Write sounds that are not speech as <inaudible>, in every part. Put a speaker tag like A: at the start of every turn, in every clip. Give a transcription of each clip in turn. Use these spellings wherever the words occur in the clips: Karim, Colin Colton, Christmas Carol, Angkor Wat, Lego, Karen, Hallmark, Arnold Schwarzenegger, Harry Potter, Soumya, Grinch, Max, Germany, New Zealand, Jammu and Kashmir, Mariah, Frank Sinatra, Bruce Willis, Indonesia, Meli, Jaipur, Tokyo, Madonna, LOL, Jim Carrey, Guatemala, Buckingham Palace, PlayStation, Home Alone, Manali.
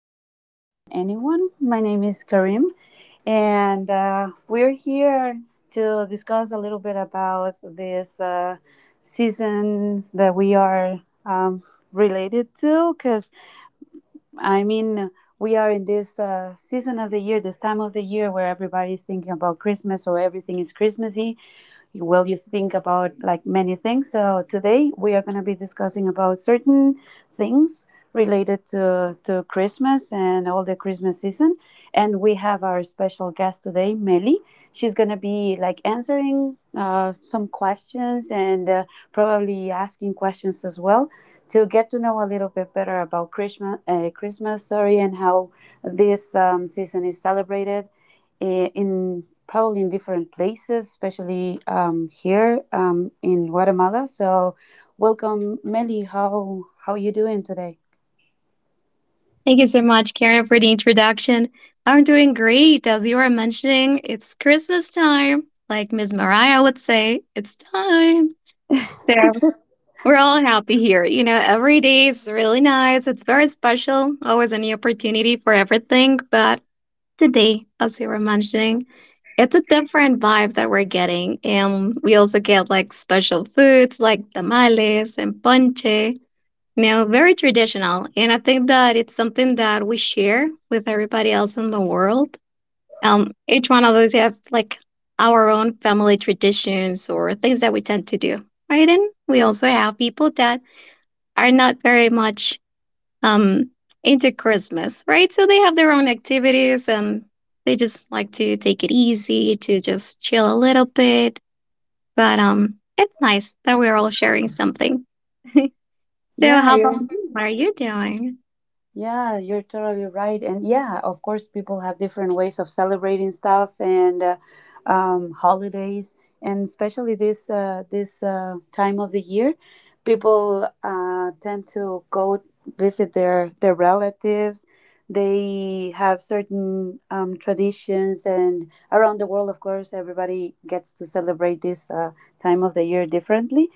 A: me better than anyone. My name is Karim, and we're here to discuss a little bit about this season that we are related to. I mean, we are in this season of the year, this time of the year where everybody's thinking about Christmas, or everything is Christmassy. Well, you think about like many things. So today we are going to be discussing about certain things related to Christmas and all the Christmas season. And we have our special guest today, Meli. She's going to be like answering some questions and probably asking questions as well to get to know a little bit better about Christmas christmas sorry and how this season is celebrated, in probably in different places, especially here in Guatemala. So, welcome, Meli. How you doing today?
B: Thank you so much, Karen, for the introduction. I'm doing great. As you were mentioning, it's Christmas time. Like Ms. Mariah would say, it's time. So we're all happy here. Every day is really nice. It's very special. Always a new opportunity for everything. But today, as you were mentioning, it's a different vibe that we're getting. And we also get like special foods like tamales and ponche now, very traditional. And I think that it's something that we share with everybody else in the world. Each one of us have like our own family traditions or things that we tend to do. Right. And we also have people that are not very much um, into Christmas, right? So they have their own activities and they just like to take it easy, to just chill a little bit. But it's nice that we're all sharing something. <laughs> So,
A: Yeah,
B: how about
A: you.
B: you? What are you doing?
A: Yeah, you're totally right. And yeah, of course, people have different ways of celebrating stuff and holidays, and especially this time of the year, people tend to go visit their relatives. They have certain traditions, and around the world, of course, everybody gets to celebrate this time of the year differently,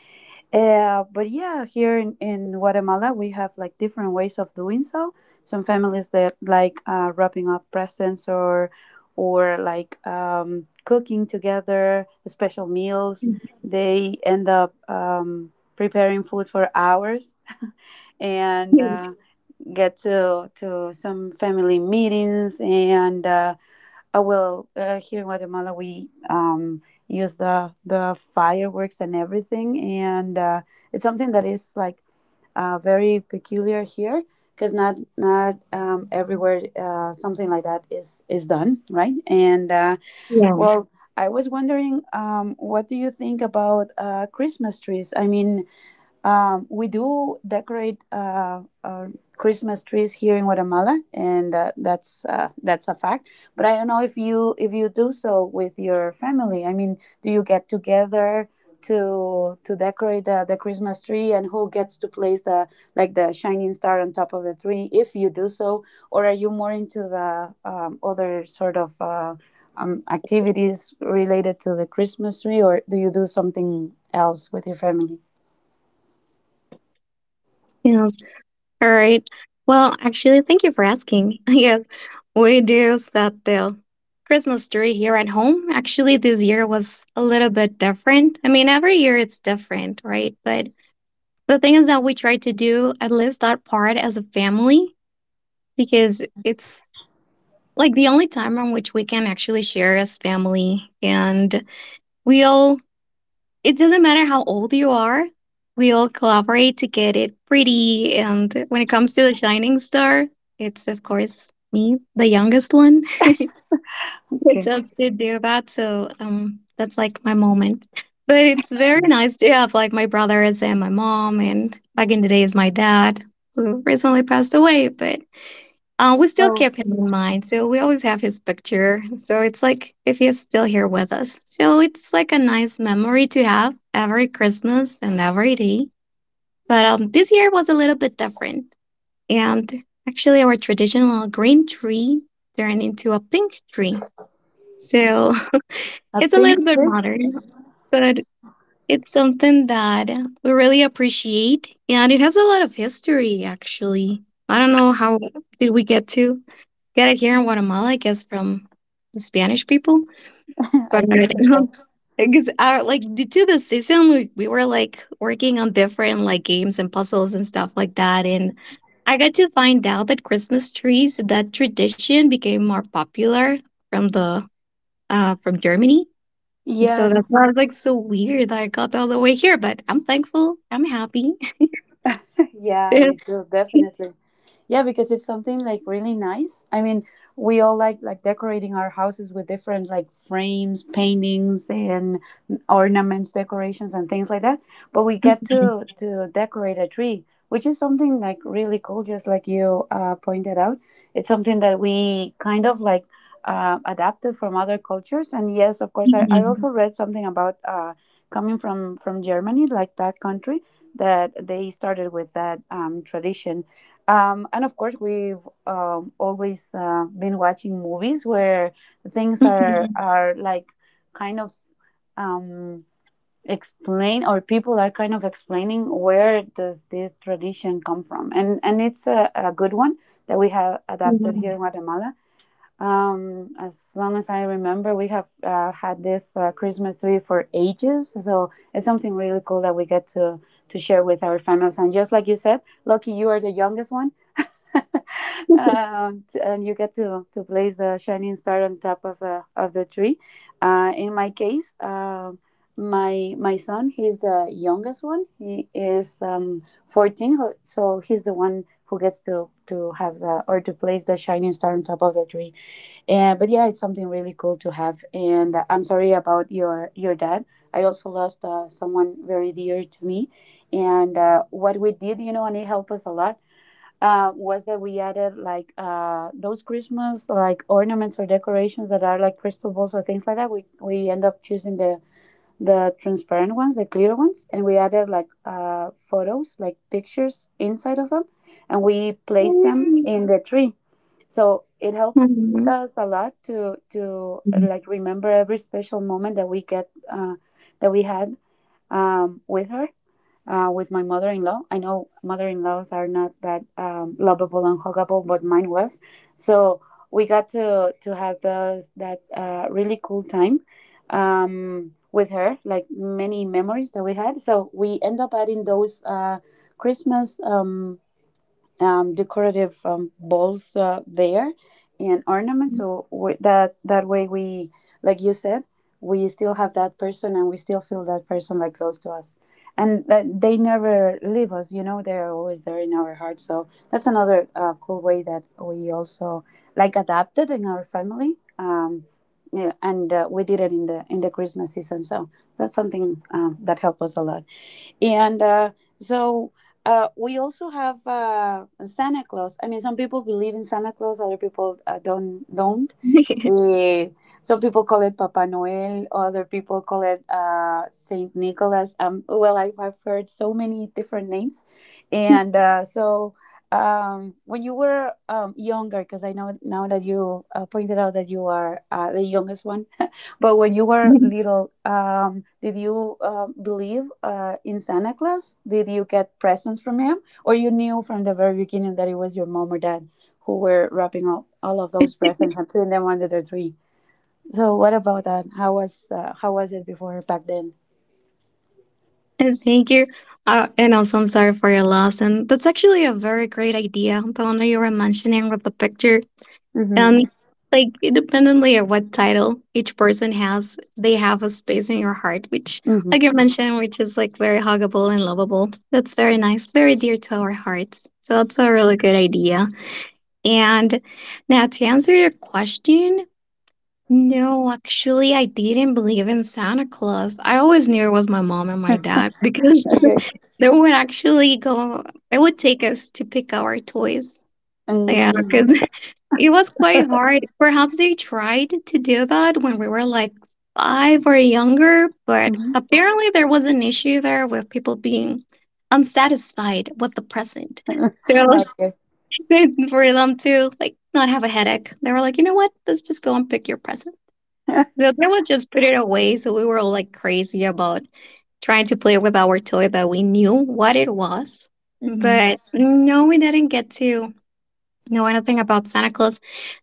A: but yeah, here in Guatemala, we have like different ways of doing so. Some families that like wrapping up presents or cooking together, special meals. They end up preparing food for hours and
B: Hmm,
A: get to some family meetings and. Oh, well, here in Guatemala, we use the fireworks and everything, and it's something that is like very peculiar here because not everywhere something like that is done, right? And
B: yeah.
A: well, I was wondering, what do you think about Christmas trees? We do decorate our Christmas trees here in Guatemala, and that's a fact. But I don't know if you do so with your family. I mean, do you get together to decorate the Christmas tree, and who gets to place the like the shining star on top of the tree if you do so, or are you more into the other sort of activities related to the Christmas tree, or do you do something else with your family?
B: Yes. All right. Well, actually, thank you for asking. <laughs> Yes, we do set the Christmas tree here at home. Actually, this year was a little bit different. I mean, every year it's different, right? But the thing is that we try to do at least that part as a family because it's like the only time on which we can actually share as family. And we all It doesn't matter how old you are. We all collaborate to get it pretty. And when it comes to the shining star, it's of course me, the youngest one, <laughs> who
A: Okay.
B: attempts to do that. So that's like my moment. But it's very nice to have like my brothers and my mom, and back in the days, my dad, who recently passed away. But we still
A: Oh,
B: keep him in mind, so we always have his picture. So it's like if he's still here with us. So it's like a nice memory to have every Christmas and every day. But this year was a little bit different, and actually our traditional green tree turned into a pink tree. So <laughs>
A: a
B: it's a
A: pink
B: little bit
A: tree?
B: modern, but it's something that we really appreciate, and it has a lot of history. Actually, I don't know how did we get it here in Guatemala, I guess, from the Spanish people.
A: <laughs>
B: But
A: I think so.
B: <laughs> because like due to the season, we were like working on different like games and puzzles and stuff like that. And I got to find out that Christmas trees, that tradition became more popular from the from Germany. And
A: Yeah.
B: so
A: Yeah,
B: that's why I was like so weird that I got all the way here, but I'm thankful. I'm happy.
A: <laughs> yeah, me too,
B: <laughs> <laughs>
A: definitely. Yeah, because it's something like really nice. I mean, we all like decorating our houses with different like frames, paintings, and ornaments, decorations, and things like that. But we get
B: Mhm.
A: to decorate a tree, which is something like really cool. Just like you pointed out, it's something that we kind of like adapted from other cultures. And yes, of course, I
B: Mhm.
A: also read something about coming from Germany, like that country that they started with that tradition, and of course, we've always been watching movies where things are
B: Mhm.
A: are like kind of um, explain, or people are kind of explaining where does this tradition come from, and it's a good one that we have adapted here in Guatemala. As long as I remember, we have had this Christmas tree for ages, so it's something really cool that we get to share with our families. And just like you said, lucky you are the youngest one. <laughs>
B: Yeah. <laughs>
A: And you get to place the shining star on top of the tree. In my case, my son, he's the youngest one. He is 14, so he's the one who gets to have the or to place the shining star on top of the tree. And but yeah, it's something really cool to have. And I'm sorry about your dad. I also lost someone very dear to me. And what we did, you know, and it helped us a lot, was that we added like those Christmas like ornaments or decorations that are like crystal balls or things like that. We end up choosing the transparent ones, the clear ones, and we added like photos, like pictures inside of them, and we placed them in the tree. So it helped us a lot to
B: Mhm.
A: like remember every special moment that we had with her, with my mother-in-law. I know mother-in-laws are not that lovable and huggable, but mine was. So we got to have those that really cool time with her, like many memories that we had. So we end up adding those Christmas. Decorative balls there and ornaments. So we, that that way we, like you said, we still have that person and we still feel that person like close to us. And that they never leave us, you know. They are always there in our heart. So that's another cool way that we also like adapted in our family. Yeah, and we did it in the Christmas season. So that's something that helped us a lot. And so we also have Santa Claus. I mean, some people believe in Santa Claus, other people don't. Don't. Eh, some people call it Papa Noel, other people call it Saint Nicholas. Well, I've heard so many different names, and when you were younger, because I know now that you pointed out that you are the youngest one, but when you were
B: Mhm. <laughs>
A: little, did you believe in Santa Claus? Did you get presents from him, or you knew from the very beginning that it was your mom or dad who were wrapping up all of those presents and putting them under the tree? So what about that? How was it before back then?
B: <laughs> And thank you. And also, I'm sorry for your loss. And that's actually a very great idea, the one that you were mentioning with the picture.
A: Mm-hmm.
B: And like, independently of what title each person has, they have a space in your heart, which,
A: Mm-hmm.
B: like you mentioned, which is like very huggable and lovable. That's very nice, very dear to our hearts. So that's a really good idea. And now to answer your question, no, actually, I didn't believe in Santa Claus. I always knew it was my mom and my dad because
A: Okay.
B: <laughs> they would actually go, they would take us to pick our toys. Yeah,
A: Mm.
B: because <laughs> it was quite
A: <laughs>
B: hard. Perhaps they tried to do that when we were like 5 or younger, but
A: Mhm.
B: apparently there was an issue there with people being unsatisfied with the present. So
A: <laughs> Okay.
B: <laughs> for them to like not have a headache, they were like, you know what? Let's just go and pick your present. So they would just put it away. So we were all like crazy about trying to play with our toy that we knew what it was.
A: Mm-hmm.
B: But no, we didn't get to know anything about Santa Claus.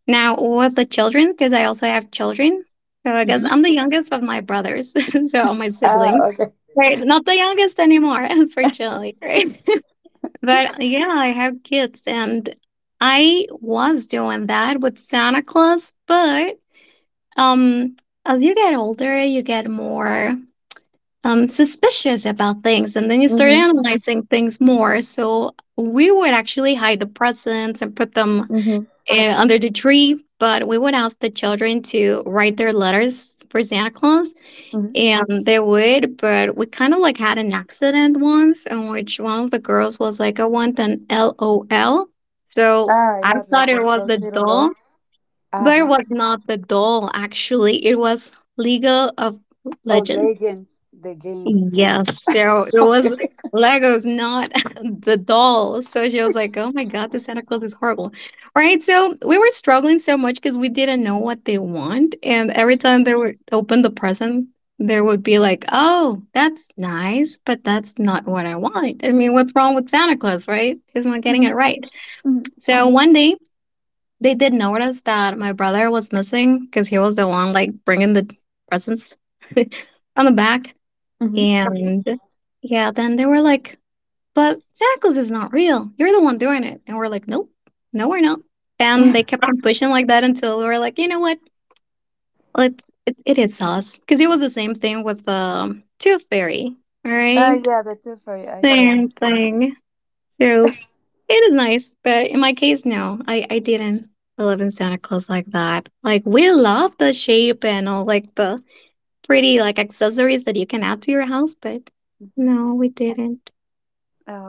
B: Now, with the children, because I also have children. So I guess I'm
A: Mm-hmm.
B: the youngest of my brothers, <laughs> so all my
A: Ah,
B: siblings.
A: okay.
B: Right. Not the youngest anymore, <laughs> unfortunately. Right. <laughs> But yeah, I have kids and I was doing that with Santa Claus, but um as you get older, you get more suspicious about things, and then you start
A: Mm-hmm.
B: analyzing things more, so we would actually hide the presents and put them
A: Mm-hmm.
B: under the tree, but we would ask the children to write their letters for Santa Claus,
A: Mm-hmm.
B: and they would, but we kind of like had an accident once in which one of the girls was like, I want an LOL, so
A: Ah,
B: I
A: yeah,
B: thought
A: like
B: it
A: this,
B: was
A: those
B: the
A: little
B: doll
A: dolls. Uh
B: where
A: huh.
B: was not the doll, actually. It was Lego of
A: Oh,
B: Legends.
A: Legends, the game.
B: Yes, so it
A: <laughs>
B: was
A: Okay.
B: Legos, not <laughs> the doll. So she was like, oh my God, the Santa Claus is horrible. Right? So we were struggling so much because we didn't know what they want. And every time they would open the present, there would be like, oh, that's nice, but that's not what I want. I mean, what's wrong with Santa Claus, right? He's not getting
A: Hmm
B: it right.
A: hmm
B: So one day they did notice that my brother was missing because he was the one like bringing the presents <laughs> on the back.
A: hmm.
B: And yeah, then they were like, but Santa Claus is not real. You're the one doing it. And we're like, nope, no, we're not. And they
A: <laughs>
B: kept on pushing like that until we were like, you know what? It is us. Because it was the same thing with the tooth fairy. All right.
A: Yeah, that is just for you. Yeah.
B: Same thing. So it is nice, but in my case, no, I didn't believe in Santa Claus like that. Like we love the shape and all like the pretty like accessories that you can add to your house, but
A: Hmm.
B: no, we didn't.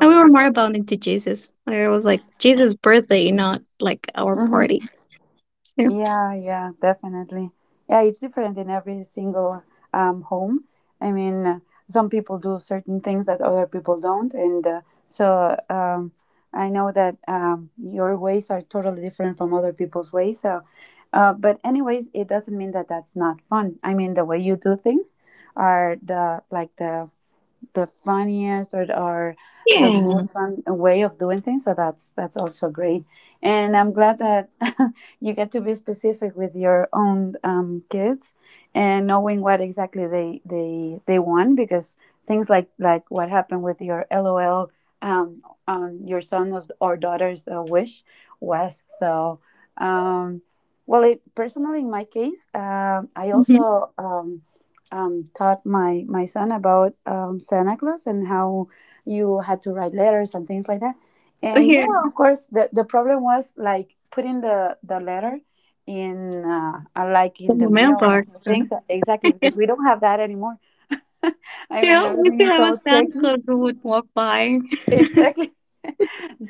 B: And we were more about into Jesus. Like it was like Jesus' birthday, not like our
A: Hmm.
B: party. So
A: Yeah, yeah, definitely. Yeah, it's different in every single home. I mean, some people do certain things that other people don't, and I know that your ways are totally different from other people's ways. So, but anyways, it doesn't mean that that's not fun. I mean, the way you do things are the like the funniest, or
B: yeah.
A: the
B: Mhm.
A: most fun way of doing things. So that's also great, and I'm glad that <laughs> you get to be specific with your own kids and knowing what exactly they want because things like what happened with your LOL um, on your son's or daughter's wish was so. Um, well, it, personally, in my case, I
B: <laughs>
A: also taught my son about Santa Claus and how you had to write letters and things like that. And yeah,
B: Yeah,
A: well, of course, the problem was like putting the letter in like
B: the
A: in the mail
B: mailbox.
A: and things exactly because we don't have that anymore. <laughs> I mean,
B: Yeah, we used
A: everything
B: to
A: is
B: have a
A: so
B: Santa
A: techy
B: Claus who would walk by.
A: exactly. <laughs>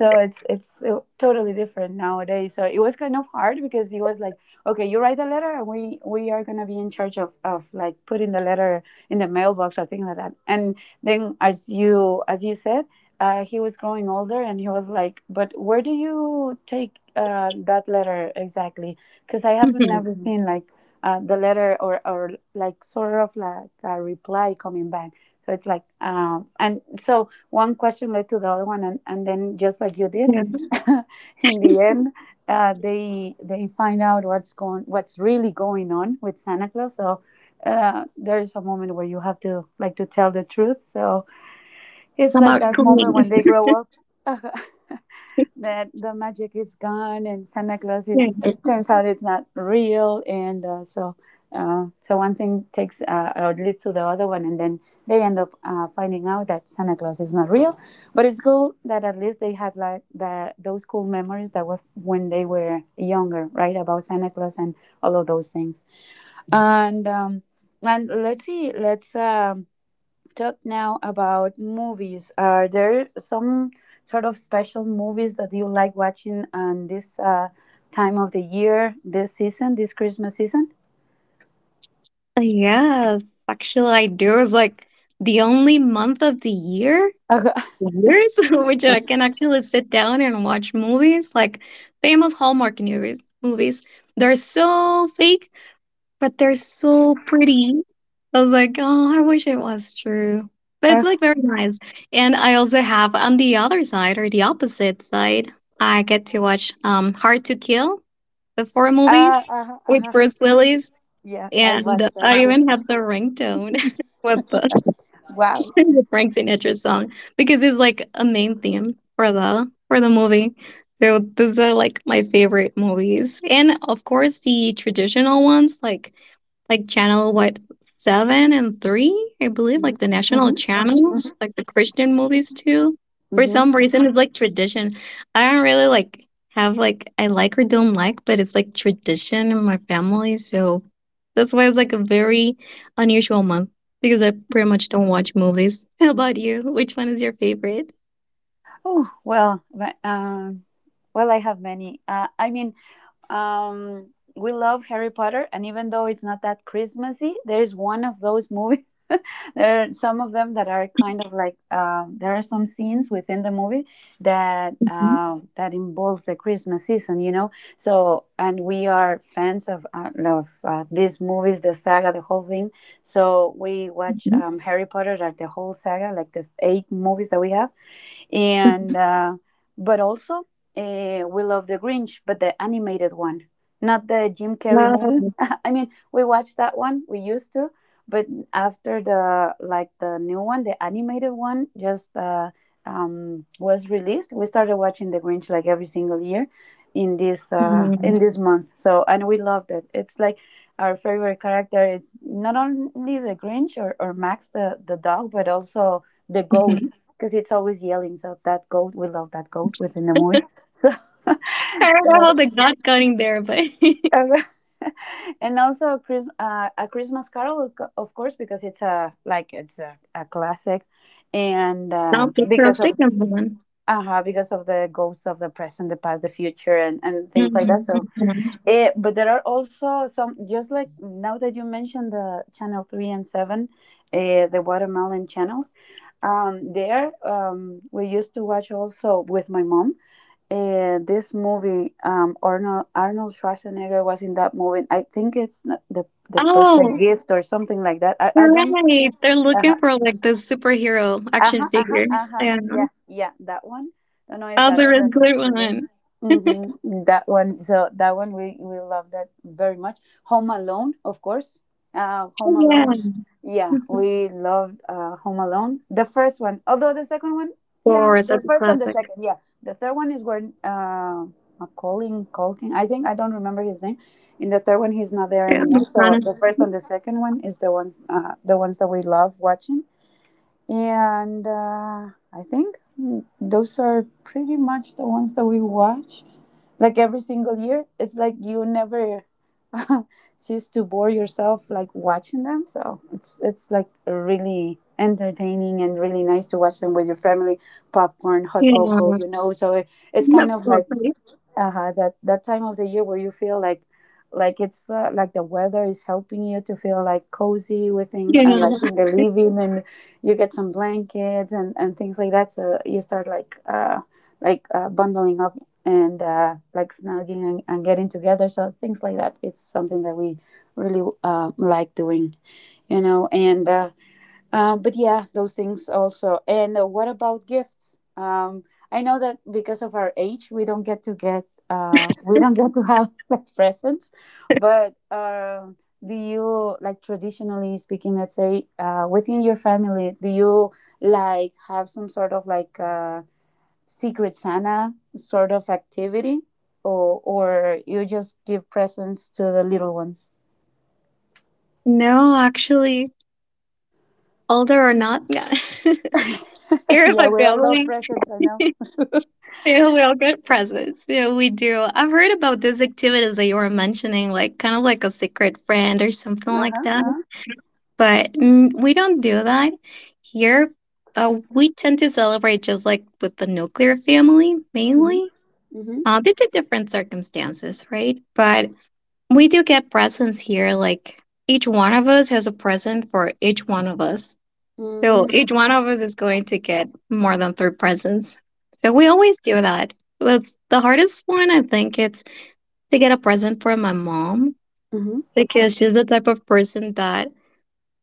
B: <laughs>
A: it's totally different nowadays. So it was kind of hard because he was like, okay, you write a letter, and we are gonna be in charge of like putting the letter in the mailbox or things like that. And then as you said, he was growing older, and he was like, but where do you take that letter exactly? Because I haven't
B: Mhm.
A: never seen like the letter or like sort of like a reply coming back. So it's like, and so one question led to the other one, and then just like you did,
B: Yeah.
A: <laughs> in the end, they find out what's going, what's really going on with Santa Claus. So there is a moment where you have to tell the truth. So it's like
B: About
A: that
B: clean.
A: moment when they grow up. <laughs>
B: <laughs>
A: That the magic is gone and Santa Claus
B: Yeah.
A: is. It turns out it's not real, and so one thing takes or leads to the other one, and then they end up finding out that Santa Claus is not real. But it's cool that at least they had like the those cool memories that were when they were younger, right? About Santa Claus and all of those things, and um, and let's see, let's. Talk now about movies. Are there some sort of special movies that you like watching on this time of the year, this season, this Christmas season?
B: Yes, actually, I do. It's like the only month of the
A: <laughs>
B: years, <laughs> which I can actually sit down and watch movies, like famous Hallmark movies. They're so fake, but they're so pretty. I was like, oh, I wish it was true. But
A: Uh,
B: it's like very nice. And I also have on the other side or the opposite side, I get to watch Hard to Kill, the four
A: uh,
B: movies
A: uh, uh,
B: with
A: uh,
B: Bruce Willis,
A: yeah, I
B: and
A: watched
B: I
A: also.
B: even have the ringtone <laughs> with the just
A: Wow.
B: sing the Frank Sinatra song because it's like a main theme for the movie. So those are like my favorite movies, and of course the traditional ones like channel what seven and three, I believe,
A: hmm
B: like the national
A: hmm
B: channels, like the Christian movies too. For
A: hmm
B: some reason, it's like tradition. I don't really like have like I like or don't like, but it's like tradition in my family, so that's why it's like a very unusual month because I pretty much don't watch movies. <laughs> How about you? Which one is your favorite?
A: Oh well, but, well, I have many. I mean, Um, we love Harry Potter, and even though it's not that Christmassy, there is one of those movies. <laughs> There are some of them that are kind of like there are some scenes within the movie that
B: Mhm,
A: that involves the Christmas season, you know. So, and we are fans of these movies, the saga, the whole thing. So we watch
B: mhm,
A: Harry Potter, like the whole saga, like the 8 movies that we have and
B: mhm.
A: but also we love the Grinch, but the animated one, not the Jim Carrey
B: Wow.
A: movie. <laughs> I mean, we watched that one. We used to, but after the like the new one, the animated one, just was released. We started watching the Grinch like every single year
B: Mhm, mhm.
A: in this month. So and we loved it. It's like our favorite character is not only the Grinch or Max the dog, but also the goat
B: <laughs>
A: because it's always yelling. So that goat, we love that goat within the movie. So, <laughs> uh,
B: I don't know how they got counting there, but <laughs>
A: <laughs> and also a Christmas Carol, of course, because it's a like it's a classic, and
B: no, that's our second one.
A: because of the ghosts of the present, the past, the future, and things like
B: Mhm,
A: that. So
B: mhm.
A: eh, but there are also some, just like now that you mentioned the channel three and seven, the watermelon channels. There, we used to watch also with my mom. This movie, Arnold Schwarzenegger was in that movie. I think it's not the the perfect
B: Oh,
A: gift or something like that. I don't.
B: right. They're
A: Uh-huh.
B: looking for like the superhero
A: Uh
B: action
A: huh. Uh huh.
B: figure.
A: Uh huh.
B: Yeah,
A: Yeah. Yeah. That one. Don't know if
B: that's a
A: that's
B: really
A: the,
B: good
A: the name.
B: one.
A: Mm-hmm. That one. So that one we love that very much. Home Alone, of course. Home
B: Yeah.
A: Alone. Yeah,
B: Mhm.
A: we loved Home Alone. The first one, although the second one, yeah,
B: Wars,
A: the
B: that's a
A: first and the
B: classic.
A: second, yeah. The third one is when Colin Colton. I think I don't remember his name. In the third one, he's not there
B: Yeah,
A: anymore. So
B: Madonna.
A: the first and the second one is the ones that we love watching and I think those are pretty much the ones that we watch. Like every single year, it's like you never <laughs> cease to bore yourself like watching them. So it's like really entertaining and really nice to watch them with your family, popcorn, hot cocoa,
B: Yeah,
A: you know. So it's kind of like
B: absolutely. <laughs>
A: uh-huh that that time of the year where you feel like it's like the weather is helping you to feel like cozy within and
B: Yeah.
A: like in the living and you get some blankets and things like that so you start like bundling up and like snugging and getting together so things like that it's something that we really like doing you know and but yeah, those things also. And what about gifts? I know that because of our age, we don't get to get we don't get to have <laughs> like presents. But do you like traditionally speaking, let's say within your family, do you like have some sort of like secret Santa sort of activity, or you just give presents to the little ones?
B: No, actually, older or not, yeah. <laughs>
A: <laughs>
B: Here in my
A: Yeah, we all love
B: family,
A: presents. I
B: <laughs>
A: know.
B: yeah, we all get presents. Yeah, we do. I've heard about those activities that you were mentioning, like kind of like a secret friend or something
A: Uh huh.
B: like
A: Uh-huh.
B: that.
A: Uh-huh.
B: But we don't do that here. We tend to celebrate just like with the nuclear family
A: Mm-hmm.
B: mainly.
A: Mhm.
B: Due to different circumstances, right? But we do get presents here. Like each one of us has a present for each one of us. So
A: Mhm.
B: each one of us is going to get more than three presents. So we always do that. That's the hardest one, I think, it's to get a present for my mom
A: Mhm.
B: because she's the type of person that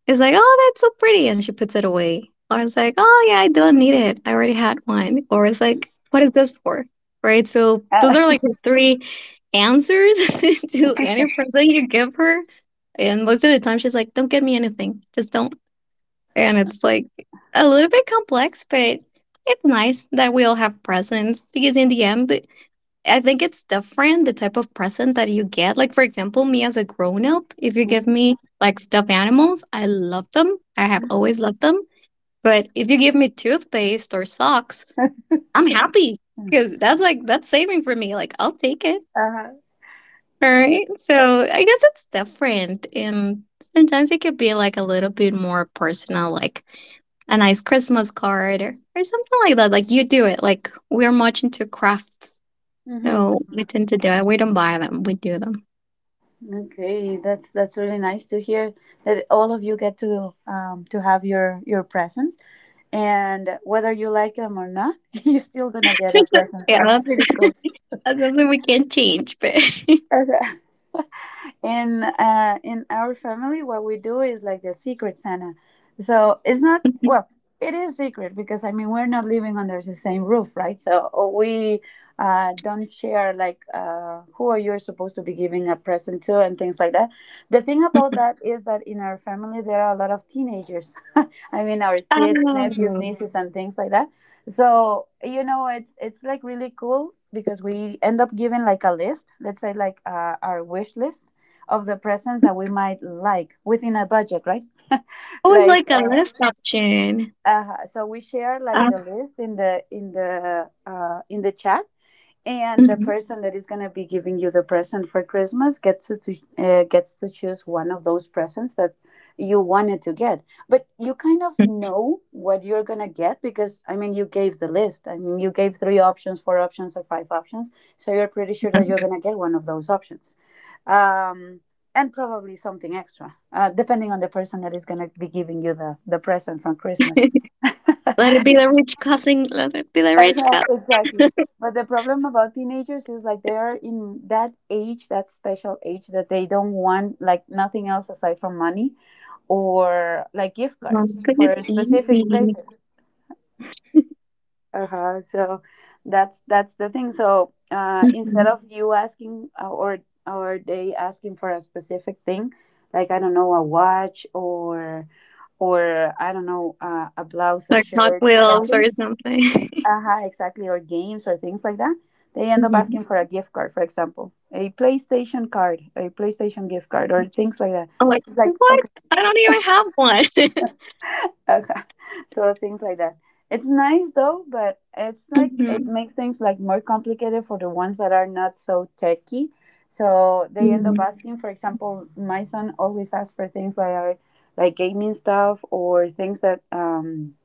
B: is like, oh, that's so pretty. And she puts it away. Or it's like, oh, yeah, I don't need it. I already had one. Or it's like, what is this for? Right. So those
A: Uh,
B: are like the three answers <laughs> to any
A: <laughs>
B: present you give her. And most of the time, she's like, don't get me anything. Just don't and it's like a little bit complex, but it's nice that we all have presents because in the end, I think it's different the type of present that you get. Like for example, me as a grown up, if you give me like stuffed animals, I love them. I have
A: Mhm.
B: always loved them. But if you give me toothpaste or socks, I'm happy because that's saving for me. Like I'll take it,
A: Uh-huh.
B: right? So I guess it's different. And sometimes it could be like a little bit more personal, like a nice Christmas card or something like that. Like you do it. Like we're much into crafts.
A: Mm-hmm.
B: So we tend to do it. We don't buy them, we do them.
A: Okay, that's really nice to hear that all of you get to have your presents, and whether you like them or not, <laughs> you're still gonna get a
B: <laughs>
A: present. So
B: Yeah,
A: that's
B: that's,
A: pretty cool.
B: <laughs> that's something we can't change. But
A: <laughs> Okay. In in our family, what we do is like the secret Santa. So it's not
B: <laughs>
A: well, it is secret because I mean we're not living under the same roof, right? So we don't share like who are you supposed to be giving a present to and things like that. The thing about that is that in our family there are a lot of teenagers. <laughs> I mean our kids, nephews,
B: oh,
A: nieces, and things like that. So you know it's like really cool because we end up giving like a list. Let's say like our wish list of the presents that we might like within a budget, right?
B: always
A: Like
B: like a list option.
A: so we share like
B: Uh,
A: the list in the in the chat and the
B: mhm.
A: person that is going to be giving you the present for Christmas gets to gets to choose one of those presents that you wanted to get but you kind of know what you're going to get because I mean you gave the list, I mean you gave three options, four options or five options, so you're pretty sure that you're going to get one of those options, um, and probably something extra depending on the person that is going to be giving you the present from Christmas.
B: Let it
A: <laughs>
B: be the rich cousin. Let it be the rich
A: Okay,
B: cousin
A: exactly. But the problem about teenagers is like they're in that age, that special age that they don't want like nothing else aside from money or like gift cards
B: because
A: for
B: it's
A: specific
B: easy.
A: places. Uh-huh. So that's the thing. So instead
B: Mhm.
A: of you asking or they asking for a specific thing, like I don't know, a watch or I don't know, a blouse, a
B: Like Hot, yeah.
A: shirt,
B: Wheels or
A: something
B: something. <laughs>
A: uh huh. Exactly, or games or things like that, they end up
B: Mhm.
A: asking for a gift card, for example, a PlayStation card, a PlayStation gift card, or things like that.
B: I'm like,
A: It's like,
B: what? I don't even have one. <laughs>
A: okay. <laughs> So things like that. It's nice though, but it's like it
B: Mhm.
A: makes things like more complicated for the ones that are not so techy. So they end up
B: Mm.
A: asking, for example, my son always asks for things like gaming stuff or things that um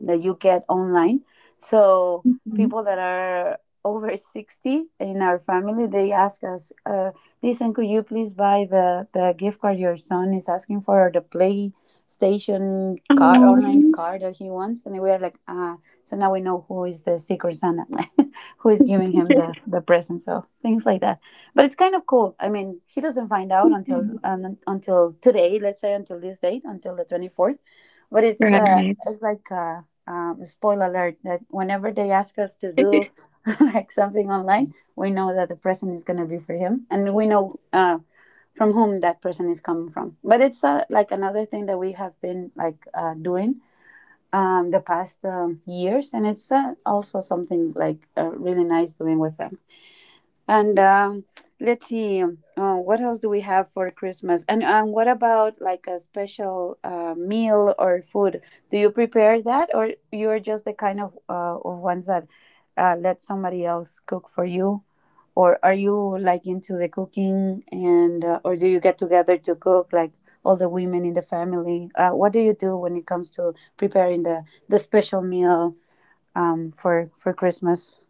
A: that you get online. So
B: Mhm.
A: people that are over 60 in our family, they ask us, listen, could you please buy the gift card your son is asking for or the PlayStation card,
B: Aw.
A: online card that he wants? And we are like, ah, so now we know who is the secret Santa, <laughs> who is giving him the,
B: <laughs>
A: the present. So things like that. But it's kind of cool. I mean, he doesn't find out until today, let's say until this date, until the 24th. But it's
B: Right.
A: like, spoiler alert that whenever they ask us to do
B: <laughs>
A: <laughs> like something online, we know that the person is going to be for him, and we know from whom that person is coming from. But it's like another thing that we have been like doing the past years, and it's also something like really nice doing with them. And what else do we have for Christmas? And what about like a special meal or food? Do you prepare that, or you are just the kind of ones that let somebody else cook for you, or are you like into the cooking and or do you get together to cook like all the women in the family? What do you do when it comes to preparing the special meal for Christmas?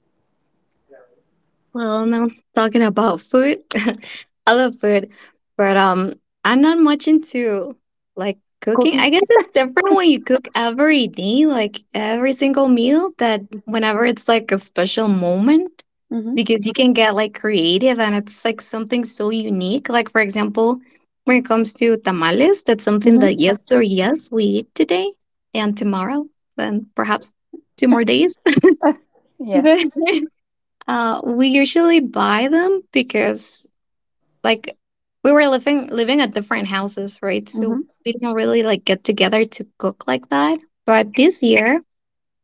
B: Well, now talking about food, <laughs> I love food, but I'm not much into like cooking. I
A: Cooking.
B: guess it's different when you cook every day, like every single meal, that whenever it's like a special moment,
A: Mm-hmm.
B: because you can get like creative and it's like something so unique. Like, for example, when it comes to tamales, that's something
A: Mm-hmm.
B: that yes or yes, we eat today and tomorrow, and perhaps two more days. <laughs>
A: Yeah.
B: But. <laughs> We usually buy them because like we were living at different houses, right? So
A: Mhm.
B: we didn't really like get together to cook like that. But this year,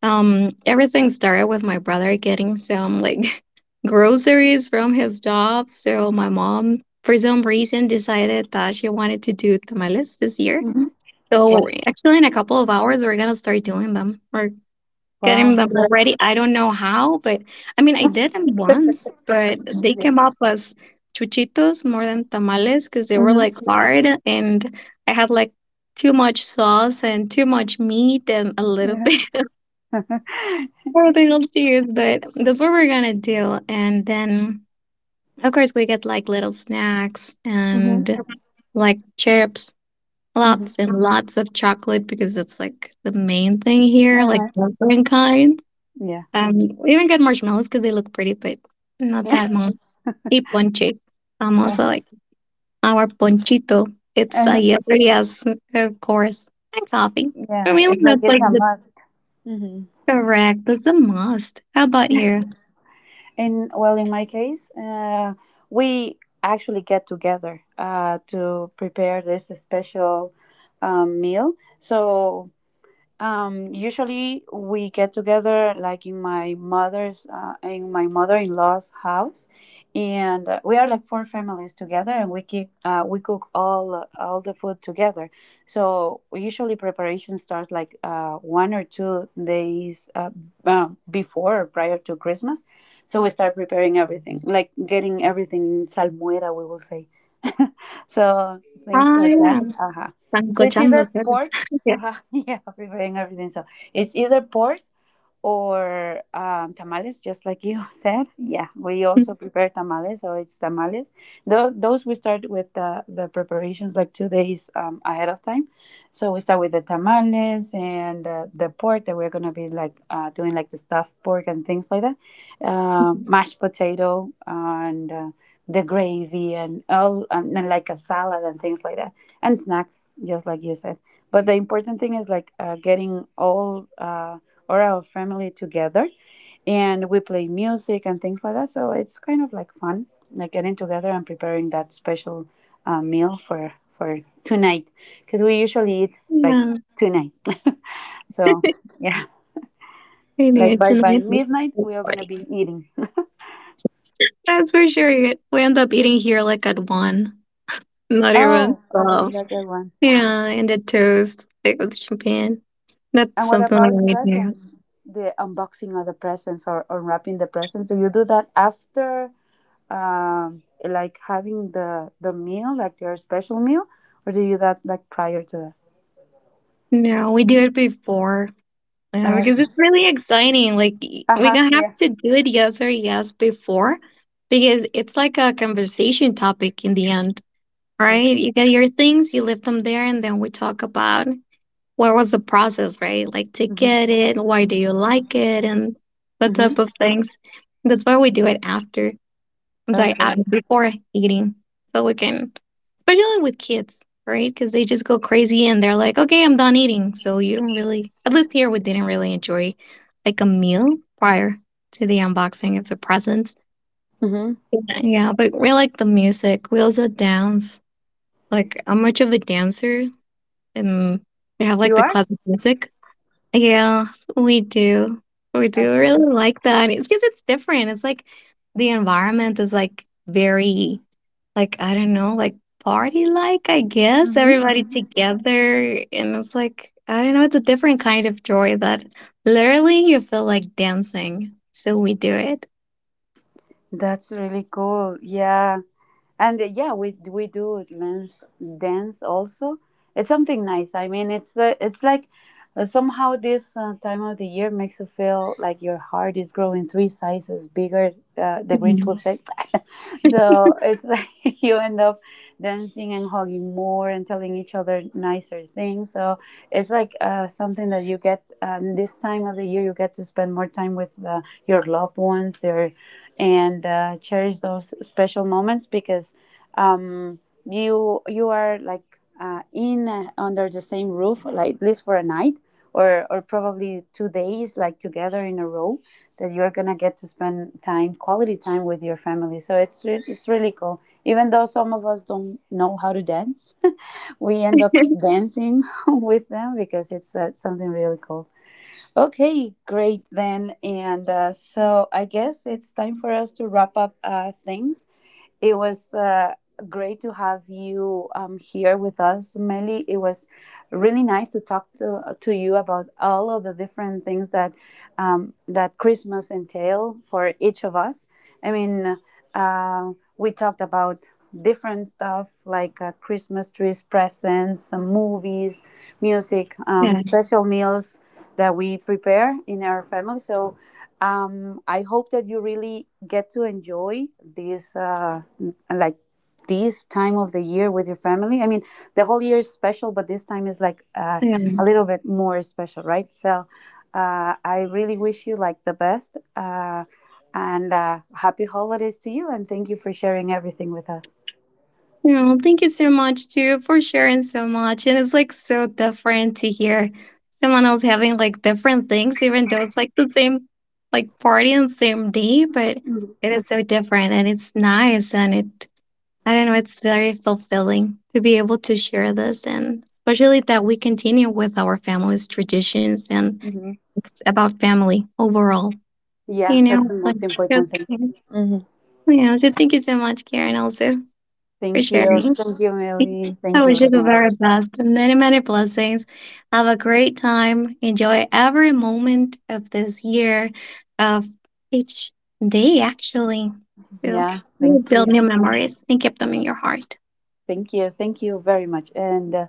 B: everything started with my brother getting some like <laughs> groceries from his job. So my mom, for some reason, decided that she wanted to do tamales this year.
A: Mhm.
B: So
A: Wow.
B: actually, in a couple of hours, we're gonna start doing them. We're getting
A: Wow.
B: them already. I don't know how, but I mean, I did them once,
A: <laughs>
B: but they
A: Yeah.
B: came up as chuchitos more than tamales because they were
A: Mhm.
B: like hard and I had like too much sauce and too much meat and a little
A: Yeah.
B: bit
A: <laughs>
B: <laughs> everything else to use. But that's what we're gonna do. And then, of course, we get like little snacks
A: Mhm.
B: and like chips.
A: Mhm.
B: Lots and lots of chocolate because it's like the main thing here, like
A: Uh-huh.
B: different kinds.
A: Yeah.
B: And we even get marshmallows because they look pretty, but not
A: Yeah.
B: that much. Y ponche.
A: <laughs>
B: Famoso,
A: Uh-huh.
B: like our ponchito. It's a
A: Uh-huh.
B: yes or yes, of course. And coffee. For
A: Yeah.
B: me,
A: It's like
B: that's
A: it's
B: like
A: a
B: the
A: must. Mm-hmm.
B: correct. That's a must. How about you?
A: And well, in my case, we actually get together to prepare this special meal. So usually we get together like in my mother-in-law's house, and we are like 4 families together, and we keep, we cook all the food together. So usually preparation starts like 1 or 2 days before or prior to Christmas. So we start preparing everything, like getting everything salmuera, we will say. <laughs> So things
B: Oh,
A: like
B: yeah.
A: that. Uh huh. So it's
B: Sancochando,
A: either
B: sir.
A: pork
B: <laughs> Yeah.
A: uh-huh. <laughs> Yeah, preparing everything. So it's either pork or tamales, just like you <laughs> said. Yeah, we also prepare tamales, so it's tamales. Those we start with the preparations like 2 days ahead of time. So we start with the tamales and the pork that we're gonna be like doing, like the stuffed pork and things like that, mashed potato and the gravy and all and like a salad and things like that and snacks, just like you said. But the important thing is like getting all. Or our family together, and we play music and things like that. So it's kind of like fun, like getting together and preparing that special meal for tonight, because we usually eat like
B: Yeah.
A: tonight. <laughs> so yeah,
B: I knew
A: like
B: it
A: by
B: tonight was a
A: midnight
B: good
A: we are gonna
B: party.
A: be eating. <laughs>
B: That's for sure. We end up eating here like at 1, not even
A: Oh, okay,
B: 12.
A: that's a good one.
B: Yeah, and a toast, like with champagne. That's
A: And what
B: something I
A: about
B: would do.
A: presents? The unboxing of the presents or unwrapping the presents? Do you do that after like having the meal, like your special meal, or do you that like prior to
B: No, we do it before. Yeah,
A: that? Oh,
B: because
A: okay.
B: it's really exciting. Like we
A: Uh-huh.
B: gonna have
A: Yeah.
B: to do it yes or yes before because it's like a conversation topic in the end,
A: Okay.
B: right? You get your things, you leave them there, and then we talk about what was the process, right? Like to get
A: Mm-hmm.
B: it, why do you like it, and that
A: Mm-hmm.
B: type of things. That's why we do it after. I'm sorry,
A: Okay.
B: before eating. So we can, especially with kids, right? Because they just go crazy and they're like, okay, I'm done eating. So you don't really, at least here, we didn't really enjoy like a meal prior to the unboxing of the presents.
A: Mm-hmm.
B: Yeah, yeah, but we like the music. We also dance. Like, I'm much of a dancer and we have like
A: You
B: the
A: are.
B: classic music. Yes, we do. We
A: Uh
B: do really like that. It's because it's different. It's like the environment is like very like, I don't know, like party like, I guess. Everybody
A: mm-hmm.
B: together and it's like, I don't know, it's a different kind of joy that literally you feel like dancing. So we do it.
A: That's really cool. Yeah, and yeah, we do dance dance also. It's something nice. I mean, it's like somehow this time of the year makes you feel like your heart is growing three sizes bigger, the Grinch will
B: Mhm.
A: say. <laughs> so it's like <laughs> you end up dancing and hugging more and telling each other nicer things. So it's like something that you get. This time of the year you get to spend more time with your loved ones, your, and cherish those special moments, because um, you are like in under the same roof, like at least for a night or probably 2 days, like together in a row, that you're gonna get to spend time, quality time with your family. So it's it's really cool. Even though some of us don't know how to dance, <laughs> we end up
B: <laughs>
A: dancing <laughs> with them because it's something really cool. Okay, great then. And so I guess it's time for us to wrap up things. It was great to have you here with us, Meli. It was really nice to talk to you about all of the different things that that Christmas entail for each of us. I mean, uh, we talked about different stuff like Christmas trees, presents, some movies, music,
B: Yeah.
A: special meals that we prepare in our family. So I hope that you really get to enjoy this. Like this time of the year with your family. I mean, the whole year is special, but this time is like
B: Yeah.
A: a little bit more special, right? So I really wish you like the best, and happy holidays to you, and thank you for sharing everything with us.
B: No, thank you so much too for sharing so much. And it's like so different to hear someone else having like different things, even though it's like the same like party and same day, but it is so different and it's nice and it, I don't know, it's very fulfilling to be able to share this and especially that we continue with our family's traditions and
A: Hmm.
B: it's about family overall.
A: Yeah,
B: You know,
A: that's the
B: it's like
A: most
B: good
A: important thing.
B: things.
A: Hmm.
B: Yeah, so thank you so much, Karen, also for
A: Thank you.
B: sharing.
A: Thank you, Millie.
B: I
A: Thank you
B: wish you
A: very
B: the
A: much.
B: very best and many, many blessings. Have a great time. Enjoy every moment of this year, of each day, actually. So
A: Yeah. Thank
B: always build
A: you.
B: new memories and keep them in your heart.
A: Thank you. Thank you very much. And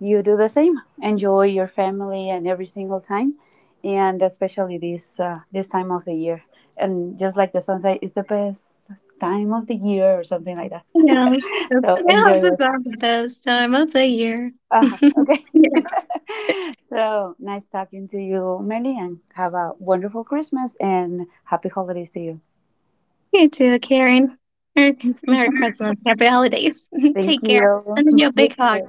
A: you do the same. Enjoy your family and every single time, and especially this this time of the year. And just like the sunset is the best time of the year, or something like that.
B: Yeah,
A: <laughs>
B: so
A: So
B: we all
A: enjoy it.
B: deserve the best time of the year. <laughs>
A: Uh-huh.
B: Yeah.
A: Okay. <laughs> so nice talking to you, Melly, and have a wonderful Christmas and happy holidays to you.
B: You too, Karen. Merry, Merry Christmas. Happy holidays. <laughs>
A: Thank
B: Take care.
A: you.
B: And a
A: <laughs> You
B: big hug.
A: too.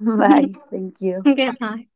A: Bye. Thank
B: <laughs>
A: you.
B: Goodbye.